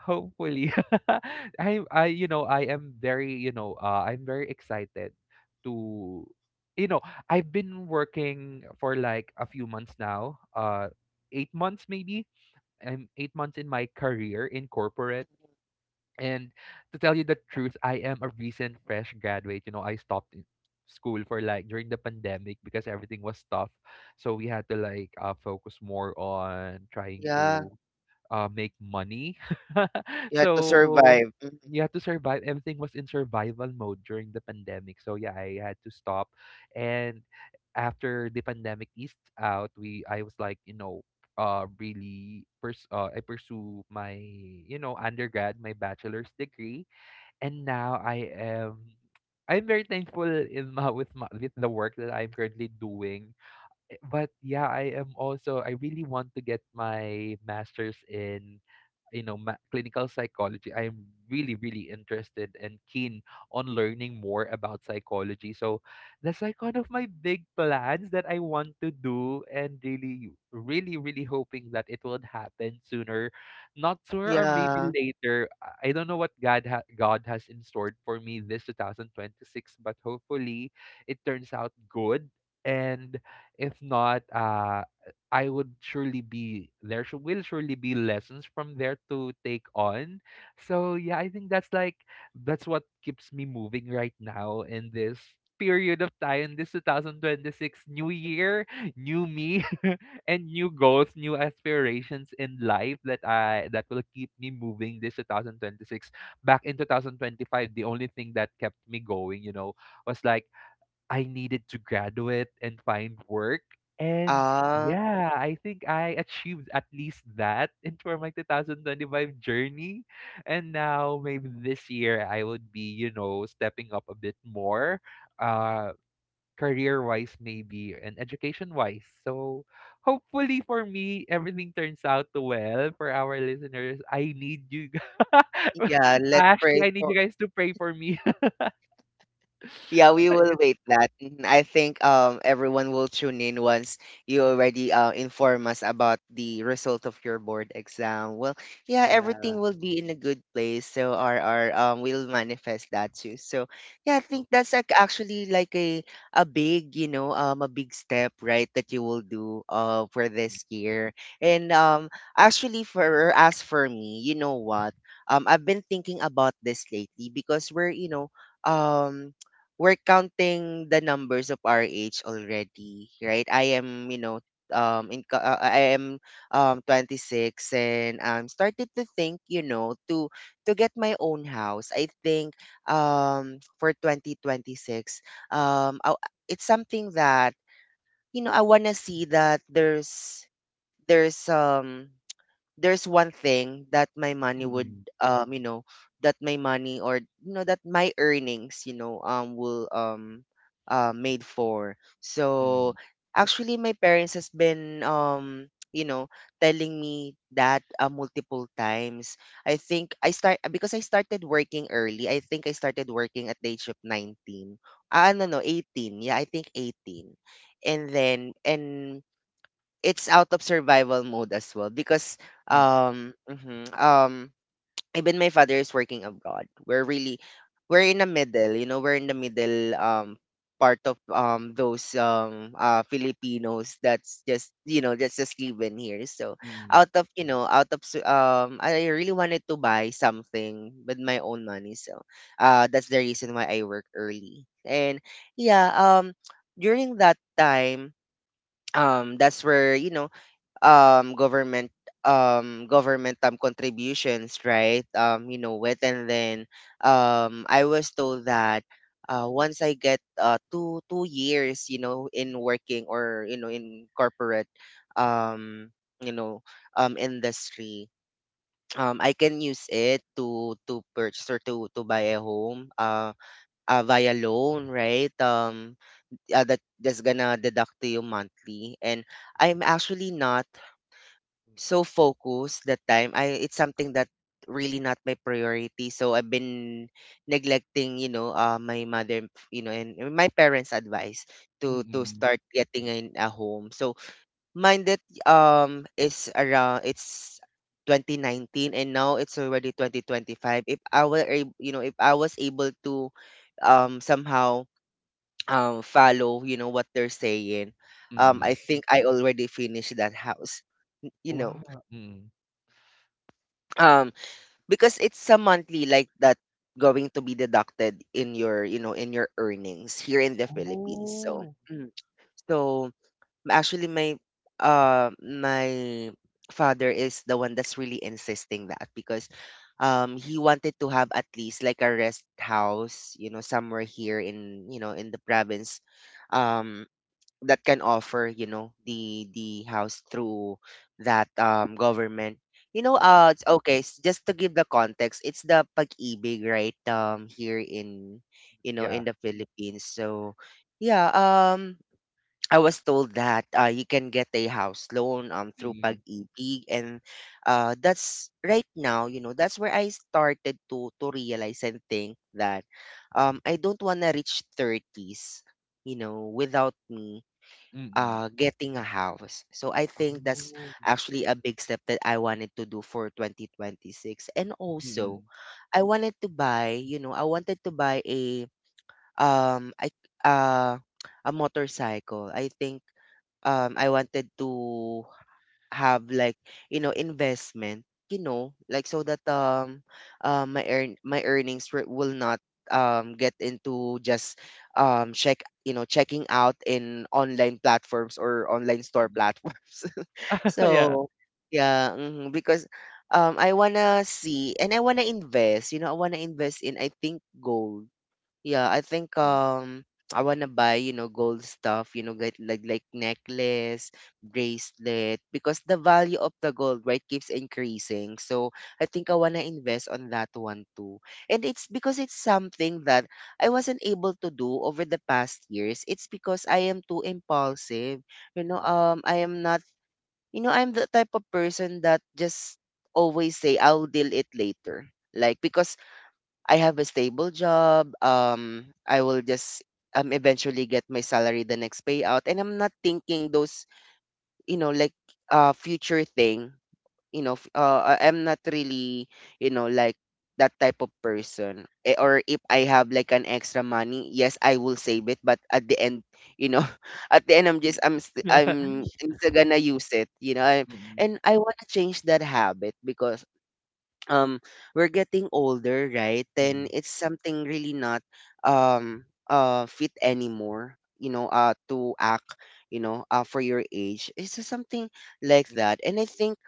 hopefully, I you know I am very you know I'm very excited to, you know, I've been working for like a few months now. 8 months maybe. I'm 8 months in my career in corporate. And to tell you the truth, I am a recent fresh graduate. You know, I stopped in school for like during the pandemic because everything was tough. So we had to like focus more on trying
Yeah,
to make money.
you had to
So
survive. Mhm.
you have to survive. Everything was in survival mode during the pandemic. So yeah, I had to stop. And after the pandemic eased out, we I was like, you know, I pursue my, you know, undergrad, my bachelor's degree, and now I am. I'm very thankful in my, with my, with the work that I'm currently doing. But yeah, I am also I really want to get my master's in, you know, clinical psychology. I am really really interested and keen on learning more about psychology. So that's like one of my big plans that I want to do, and really really really hoping that it will happen sooner, not sooner or maybe
Yeah.
later. I don't know what god has in store for me this 2026. But hopefully it turns out good. And if not I would surely be there should will surely be lessons from there to take on. So yeah, I think that's like that's what keeps me moving right now in this period of time, this 2026 new year, new me and new goals, new aspirations in life that I that will keep me moving this 2026. Back in 2025, the only thing that kept me going, you know, was like I needed to graduate and find work. And
Ah,
yeah, I think I achieved at least that in for my 2025 journey. And now maybe this year I would be, you know, stepping up a bit more, uh, career-wise maybe and education-wise. So hopefully for me everything turns out well for our listeners. I need you gu-
yeah. Let's
actually
pray
I need
for.
you guys to pray for me.
Yeah, we will wait that. Mhm. I think everyone will tune in once you already, inform us about the result of your board exam. Well, yeah,
yeah.
everything will be in a good place. So our will manifest that too. So yeah, I
hope-
think that's like actually like a big, a big step, right, that you will do, for this year. And actually for as for me, you know what, I've been thinking about this lately, because we're, you know, um we're counting the numbers of our age already, right? I am, you know, I am 26, and I'm started to think, you know, to get my own house. I think for 2026, I, it's something that you know I wanna see that there's um there's one thing that my money would um you know that my money or you know that my earnings will made for. So
Mm-mm.
actually my parents has been you know telling me that multiple times. I started working early. I think I started working at the age of 19. No, no, 18. Yeah, I think 18. And it's out of survival mode as well, because
Mm,
um mhm, um even my father is working abroad. We're in the middle, you know, we're in the middle part of those Filipinos that's just you know that's just living here. So
mm,
out of you know out of su- I really wanted to buy something with my own money, so that's the reason why I work early. And yeah During that time, that's where you know um government government contributions, right? You know, it and then I was told that once I get two years you know in working or you know in corporate
mm,
um you know industry, I can use it to purchase or to buy a home, via loan, right? That that's gonna deduct to you monthly. And I'm actually not so focused that time. I it's something that really not my priority. So I've been neglecting, you know, my mother, you know, and my parents' advice to
mm,
start getting in a home. So mine that is around it's 2019, and now it's already 2025. If I were, ab- you know, if I was able to somehow follow, you know, what they're saying,
mm, mm.
I think I already finished that house. You know.
Wow, mm.
Because it's a monthly like that going to be deducted in your you know in your earnings here in the Philippines. So
Oh.
mm, so actually my uh my father is the one that's really insisting that, because he wanted to have at least like a rest house, you know, somewhere here in you know in the province, um that can offer you know the house through that government. You know,
Mm,
it's okay, s- just to give the context, it's the Pag-IBIG, right? Here in you know
yeah,
in the Philippines. So yeah, I was told that you can get a house loan
mm,
through
mm.
Pag-IBIG. And That's right now, you know, that's where I started to realize and think that I don't want to reach 30s, you know, without me getting a house. So I think that's
Oh,
actually a big step that I wanted to do for 2026. And also,
mm,
I wanted to buy, you know, I wanted to buy a I uh a motorcycle. I think I wanted to have like you know investment, you know, like, so that
mm,
my earn my earnings wi- will not get into just check you know checking out in online platforms or online store
mm.
platforms.
Yeah.
So yeah, mhm, because I want to see and I want to invest, you know, I want to invest in, I think, gold. Yeah, I think
Mm,
I wanna buy, you know, gold stuff, you know, get like necklace, bracelet, because the value of the gold, right, keeps increasing. So I think I wanna invest on that one too. And it's because it's something that I wasn't able to do over the past years. It's because I am too impulsive. You know,
mm,
I am not you know, I'm the type of person that just always say I'll deal it later. Like because I have a stable job. I will just eventually get my salary the next payout, and I'm not thinking those you know like future thing. You know, I'm not really you know like that type of person. Eh, or if I have like an extra money, yes, I will save it. But at the end, you know, at the end, I'm just I'm st-
mm.
I'm still gonna use it. You know, I,
Mm,
and I want to change that habit, because um we're getting older, right? Then
mm,
it's something really not um fit anymore, you know, to act you know for your age. It's just something like
mm,
that. And I think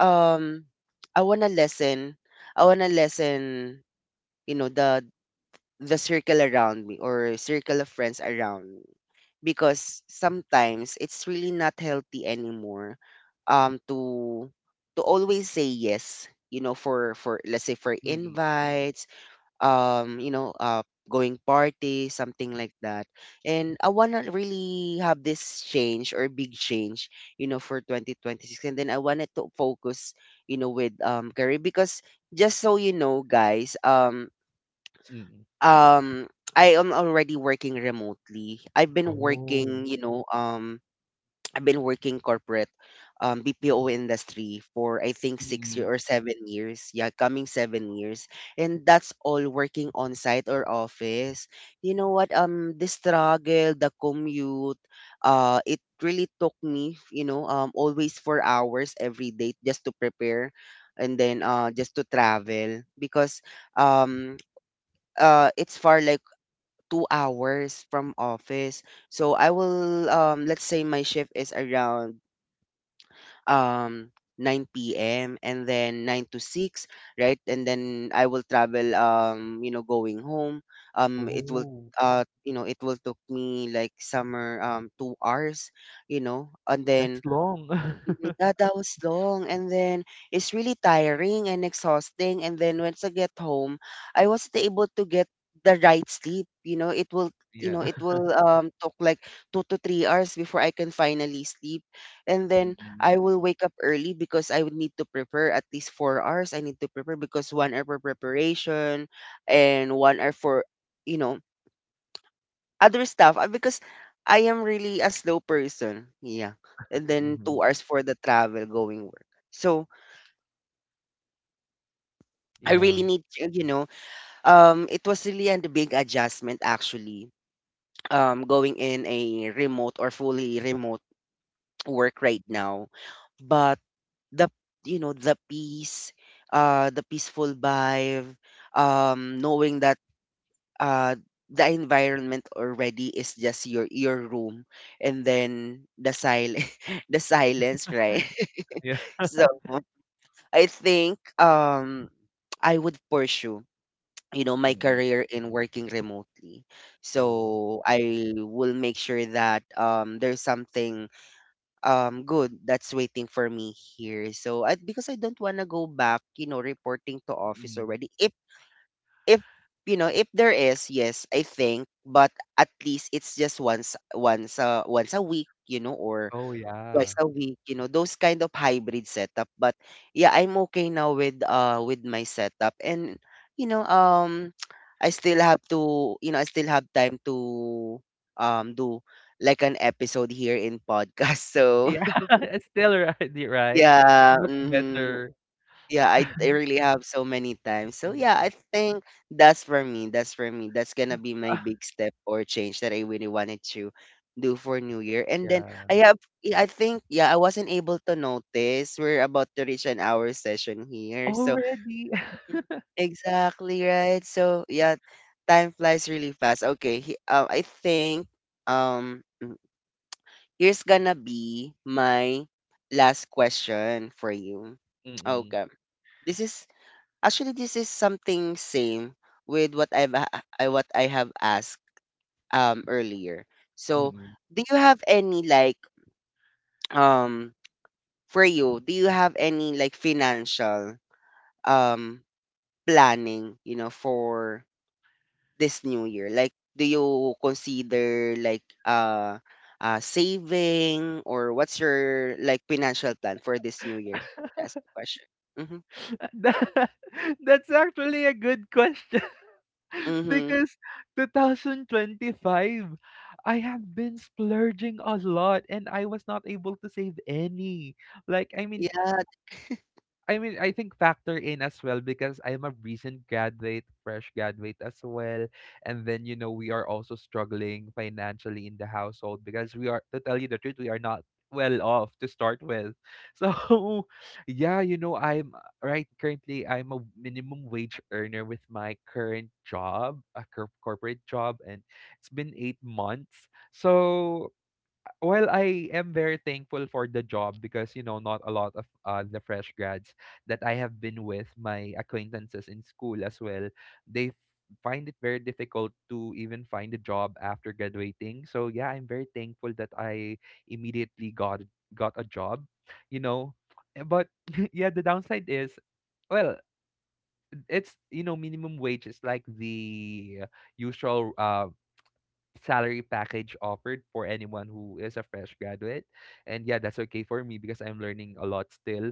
um I want to lessen, I want to lessen, you know, the circle around me, or circle of friends around me, because sometimes it's really not healthy anymore um to to always say yes, you know, for, let's say, for
mm,
invites, um you know uh going party, something like that. And I want to really have this change or big change, you know, for 2026. And then I wanted to focus, you know, with career because just so you know guys
mm.
um I am already working remotely. I've been
Oh.
working, you know, I've been working corporate BPO industry for I think 6 year
Mm.
or 7 years. Yeah, coming 7 years. And that's all working on site or office. You know what the struggle, the commute, it really took me, you know, always 4 hours every day just to prepare and then just to travel, because um it's far like 2 hours from office. So I will let's say my shift is around um 9 p.m. and then 9 to 6, right? And then I will travel you know going home. It will
Oh,
you know it will took me like somewhere 2 hours, you know. And
That's
then
long.
mhm, yeah, that was long, and then it's really tiring and exhausting, and then once I get home, I wasn't able to get the right sleep, you know, it will you know,
yeah.
it will took like 2 to 3 hours before I can finally sleep. And then I
Mm,
will wake up early, because I would need to prepare at least 4 hours. I need to prepare because 1 hour for preparation and 1 hour for you know other stuff, because I am really a slow person. Yeah. And then
mhm.
2 hours for the travel going work. So I
Yeah.
really need to, you know, it was really a big adjustment actually. Going in a remote or fully remote work right
Mhm.
now. But the you know, the peace, the peaceful vibe, knowing that uh the environment already is just your room and then the silence the silence, right?
Yeah.
So I think I would pursue, you know, my
Mm.
career in working remotely.
Oh.
So I will make sure that there's something good that's waiting for me here. So I, because I don't want to go back, you know, reporting to office
Mm.
already. If you know if there is, yes, I think, but at least it's just once once a week, you know, or
Oh yeah.
twice a week, you know, those kind of hybrid setup. But yeah, I'm okay now with my setup, and you know I still have to you know I still have time to do like an episode here in podcast. So
Yeah, it's still already right?
yeah,
Much
mhm,
better.
yeah, I really have so many times. So yeah, I
Mm.
think that's for me. That's for me. That's gonna
M
be my
ah,
big step or change that I really wanted to do for New Year. And then
yeah.
I have yeah, I think yeah, I wasn't able to notice we're about to reach an hour session here. So
Already?
mm, exactly, right? So yeah, time flies really fast. Okay, he, I think um here's gonna be my last question for you.
Mm,
Okay. This is actually, this is something same with what I what I have asked earlier. So,
mm.
do you have any like um for you? Do you have any like financial um planning? You know, for this new year, like do you consider like saving, or what's your like financial plan for this new year? That's the question. Mm-hmm.
That that's actually a good question
Mm-hmm.
because 2025, I have been splurging a lot and I was not able to save any. Like, I mean,
Yeah.
I think factor in as well because I'm a recent graduate, fresh graduate as well. And then, you know, we are also struggling financially in the household because we are, to tell you the truth, we are not well off to start with. So, yeah, you know, I'm right currently, I'm a minimum wage earner with my current job, a corporate job, and it's been 8 months. So, well, I am very thankful for the job because you know not a lot of the fresh grads that I have been with my acquaintances in school as well. They f- find it very difficult to even find a job after graduating. So yeah, I'm very thankful that I immediately got a job. You know, but yeah, the downside is well, it's you know minimum wage is like the usual salary package offered for anyone who is a fresh graduate. And yeah, that's okay for me because I'm learning a lot still.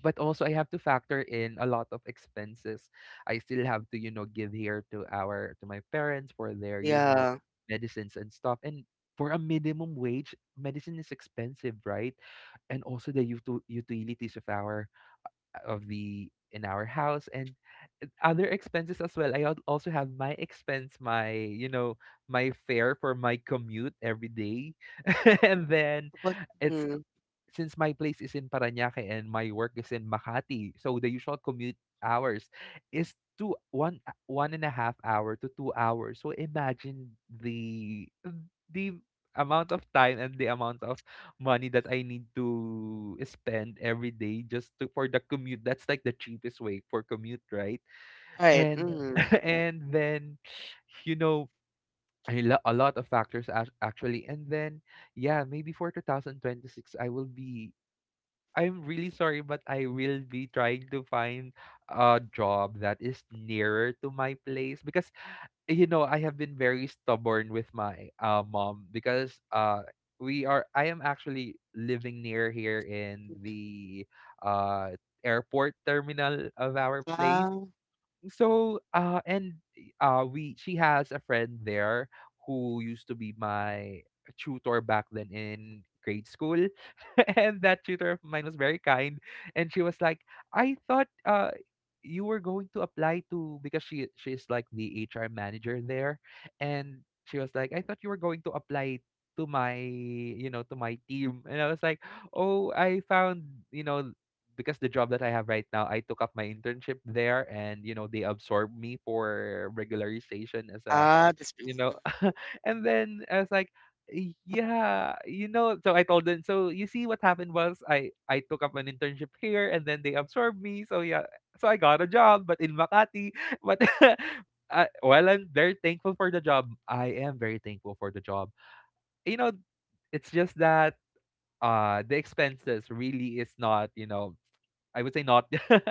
But also, I have to factor in a lot of expenses. I still have to, you know, give here to our to my parents for their, you know,
Yeah.
medicines and stuff. And for a minimum wage, medicine is expensive, right? And also the utilities of our of the in our house and other expenses as well. Also have my expense, my you know, my fare for my commute every day, and then
What?
it's
Mm,
since my place is in Paranaque and my work is in Makati, so the usual commute hours is two one one and a half hour to 2 hours. So imagine the amount of time and the amount of money that I need to spend every day just to for the commute. That's like the cheapest way for commute, right?
right.
And Yes.
Mm-hmm.
and then you know a lot of factors actually. And then yeah maybe for 2026 I will be I'm really sorry but I will be trying to find a job that is nearer to my place because you know, I have been very stubborn with my mom because we are. I am actually living near here in the uh, airport terminal of our place.
Ah,
So, and we she has a friend there who used to be my tutor back then in grade school, and that tutor of mine was very kind, and she was like, "I thought you were going to apply to because she's like the HR manager there, and she was like, I thought you were going to apply." To my, you know, to my team, and I was like oh I found you know because the job that I have right now, I took up my internship there, and you know they absorbed me for regularization as a,
ah, that's
you know,
right. Mm,
and then I was like, "Y- yeah, you know. So I told them. So you see, what happened was I took up an internship here, and then they absorbed me. So yeah, so I got a job, but in Makati, but. While I'm very thankful for the job, I am very thankful for the job. You know, it's just that the expenses really is not you know I would say not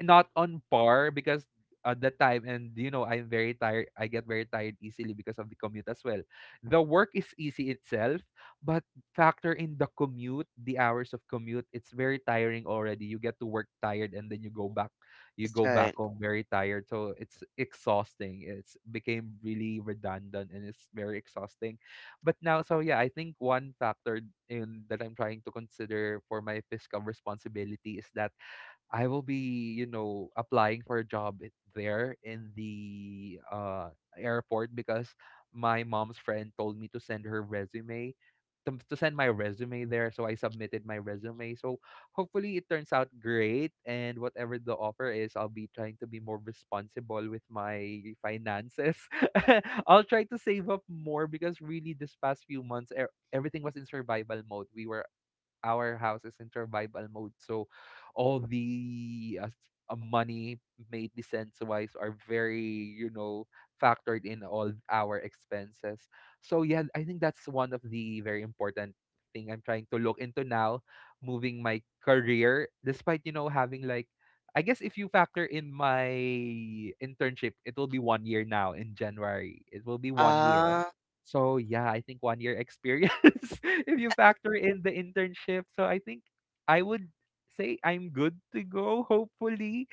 not on par because at that time and you know I'm very tired I get very tired easily because of the commute as well. The work is easy itself, but factor in the commute, the hours of commute, it's very tiring already. You get to work tired, and then you
that's
go
right.
back home very tired. So it's exhausting. It's became really redundant and it's very exhausting. But now so yeah, I think one factor in that I'm trying to consider for my fiscal responsibility is that I will be, you know, applying for a job there in the airport because my mom's friend told me to send her resume, to send my resume there. So I submitted my resume. So hopefully it turns out great. And whatever the offer is, I'll be trying to be more responsible with my finances. I'll try to save up more because really this past few months, everything was in survival mode. We were our house is in survival mode. So all the money made the sense wise are very, you know, factored in all our expenses. So yeah, I think that's one of the very important thing I'm trying to look into now, moving my career, despite, you know, having like I guess if you factor in my internship, it will be 1 year now in January. It will be 1 year.
Ah, mm.
So yeah, I think 1 year experience if you factor in the internship. So I think I would say I'm good to go, hopefully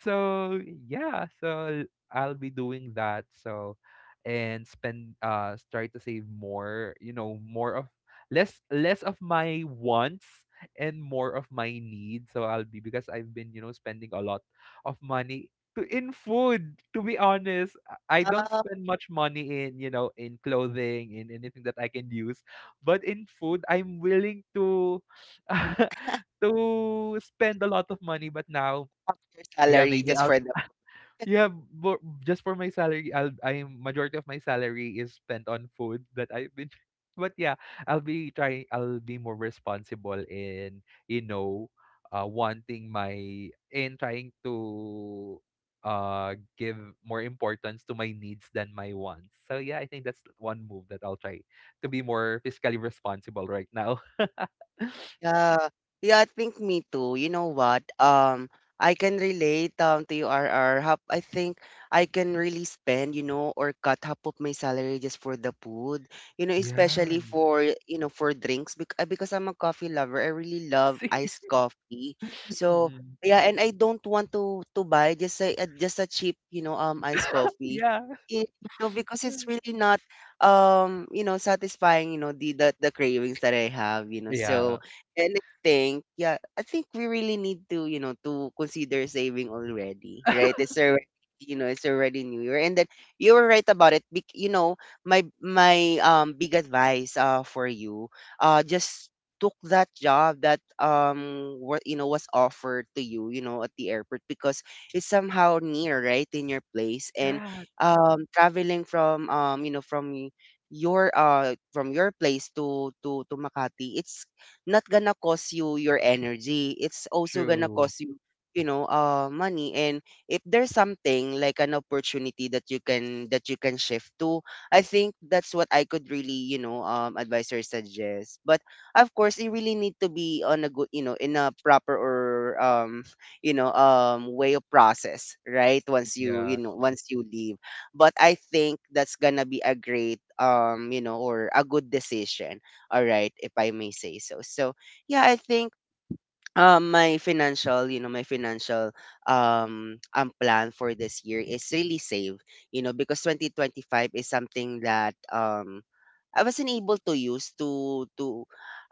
so yeah so I'll be doing that. So and spend try to save more, you know, more of less of my wants and more of my needs. So I'll be because I've been, you know, spending a lot of money to in food to be honest. I don't
Ah,
spend much money in, you know, in clothing in anything that I can use. But in food I'm willing to to spend a lot of money. But now
half your
yeah
salary
maybe
just for the
yeah, but just for my salary, I'm majority of my salary is spent on food that I've been but yeah, I'll be more responsible in, you know, wanting my in trying to give more importance to my needs than my wants. So yeah, I think that's one move that I'll try to be more fiscally responsible right now.
yeah. Yeah, I think me too. You know what? I can relate to you, RR. Hap, I think I can really spend, you know, or cut half of my salary just for the food, you know,
Yeah.
especially for, you know, for drinks, because I'm a coffee lover. I really love
See?
iced coffee. So,
Mm-mm.
yeah, and I don't want to buy just a cheap, you know, iced coffee.
Yeah.
It, you know, because it's really not you know, satisfying, you know, the, the cravings that I have, you know.
Yeah.
So, and I think, yeah, I think we really need to, you know, to consider saving already, right? It's already, you know, it's already New Year, and then you were right about it. Bec- you know, my big advice for you, just took that job that what you know was offered to you, you know, at the airport, because it's somehow near, right, in your place, and
Yeah,
traveling from you know from your place to Makati, it's not gonna cost you your energy. It's also gonna
true.
cost you, you know, money. And if there's something like an opportunity that you can shift to, I think that's what I could really, you know, advise or suggest. But of course, you really need to be on a good, you know, in a proper or you know, way of process, right? Once you, you
Yeah.
know, once you leave. But I think that's gonna be a great, you know, or a good decision, all right, if I may say so. So yeah, I think my financial you know my financial plan for this year is really save, you know, because 2025 is something that I wasn't able to use to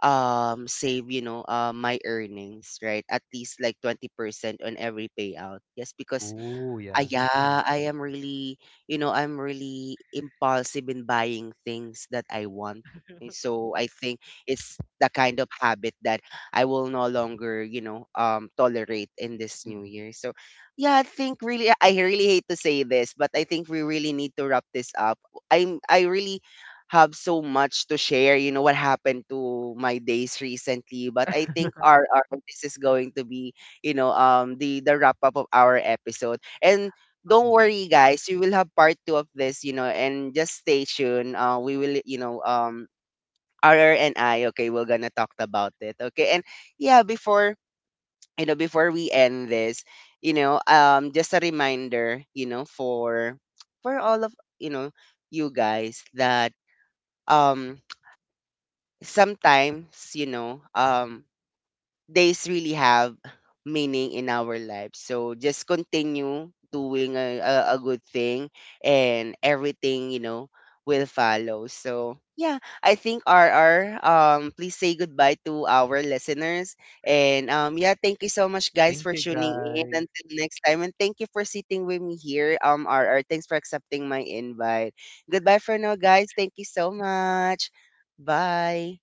save, you know, my earnings, right, at least like 20% on every payout, just because
Oh,
ah,
yeah.
yeah, I am really, you know, I'm really impulsive in buying things that I want. And so I think it's the kind of habit that I will no longer, you know, tolerate in this new
Mm,
year. So yeah, I think really, I really hate to say this, but I think we really need to wrap this up. I'm, I really have so much to share, you know, what happened to my days recently, but I think this is going to be, you know, the wrap up of our episode. And don't
mm.
worry, guys, you will have part two of this, you know, and just stay tuned. We will, you know, R R and I, okay, we're gonna talk about it, okay? And yeah, before you know, before we end this, you know, just a reminder, you know, for all of you know you guys that um sometimes you know days really have meaning in our lives. So just continue doing a good thing and everything, you know, will follow. So yeah, I think RR, please say goodbye to our listeners. And yeah, thank you so much guys
Thank
for
you,
tuning in.
guys.
Until next time. And thank you for sitting with me here. RR, thanks for accepting my invite. Goodbye for now, guys. Thank you so much. Bye.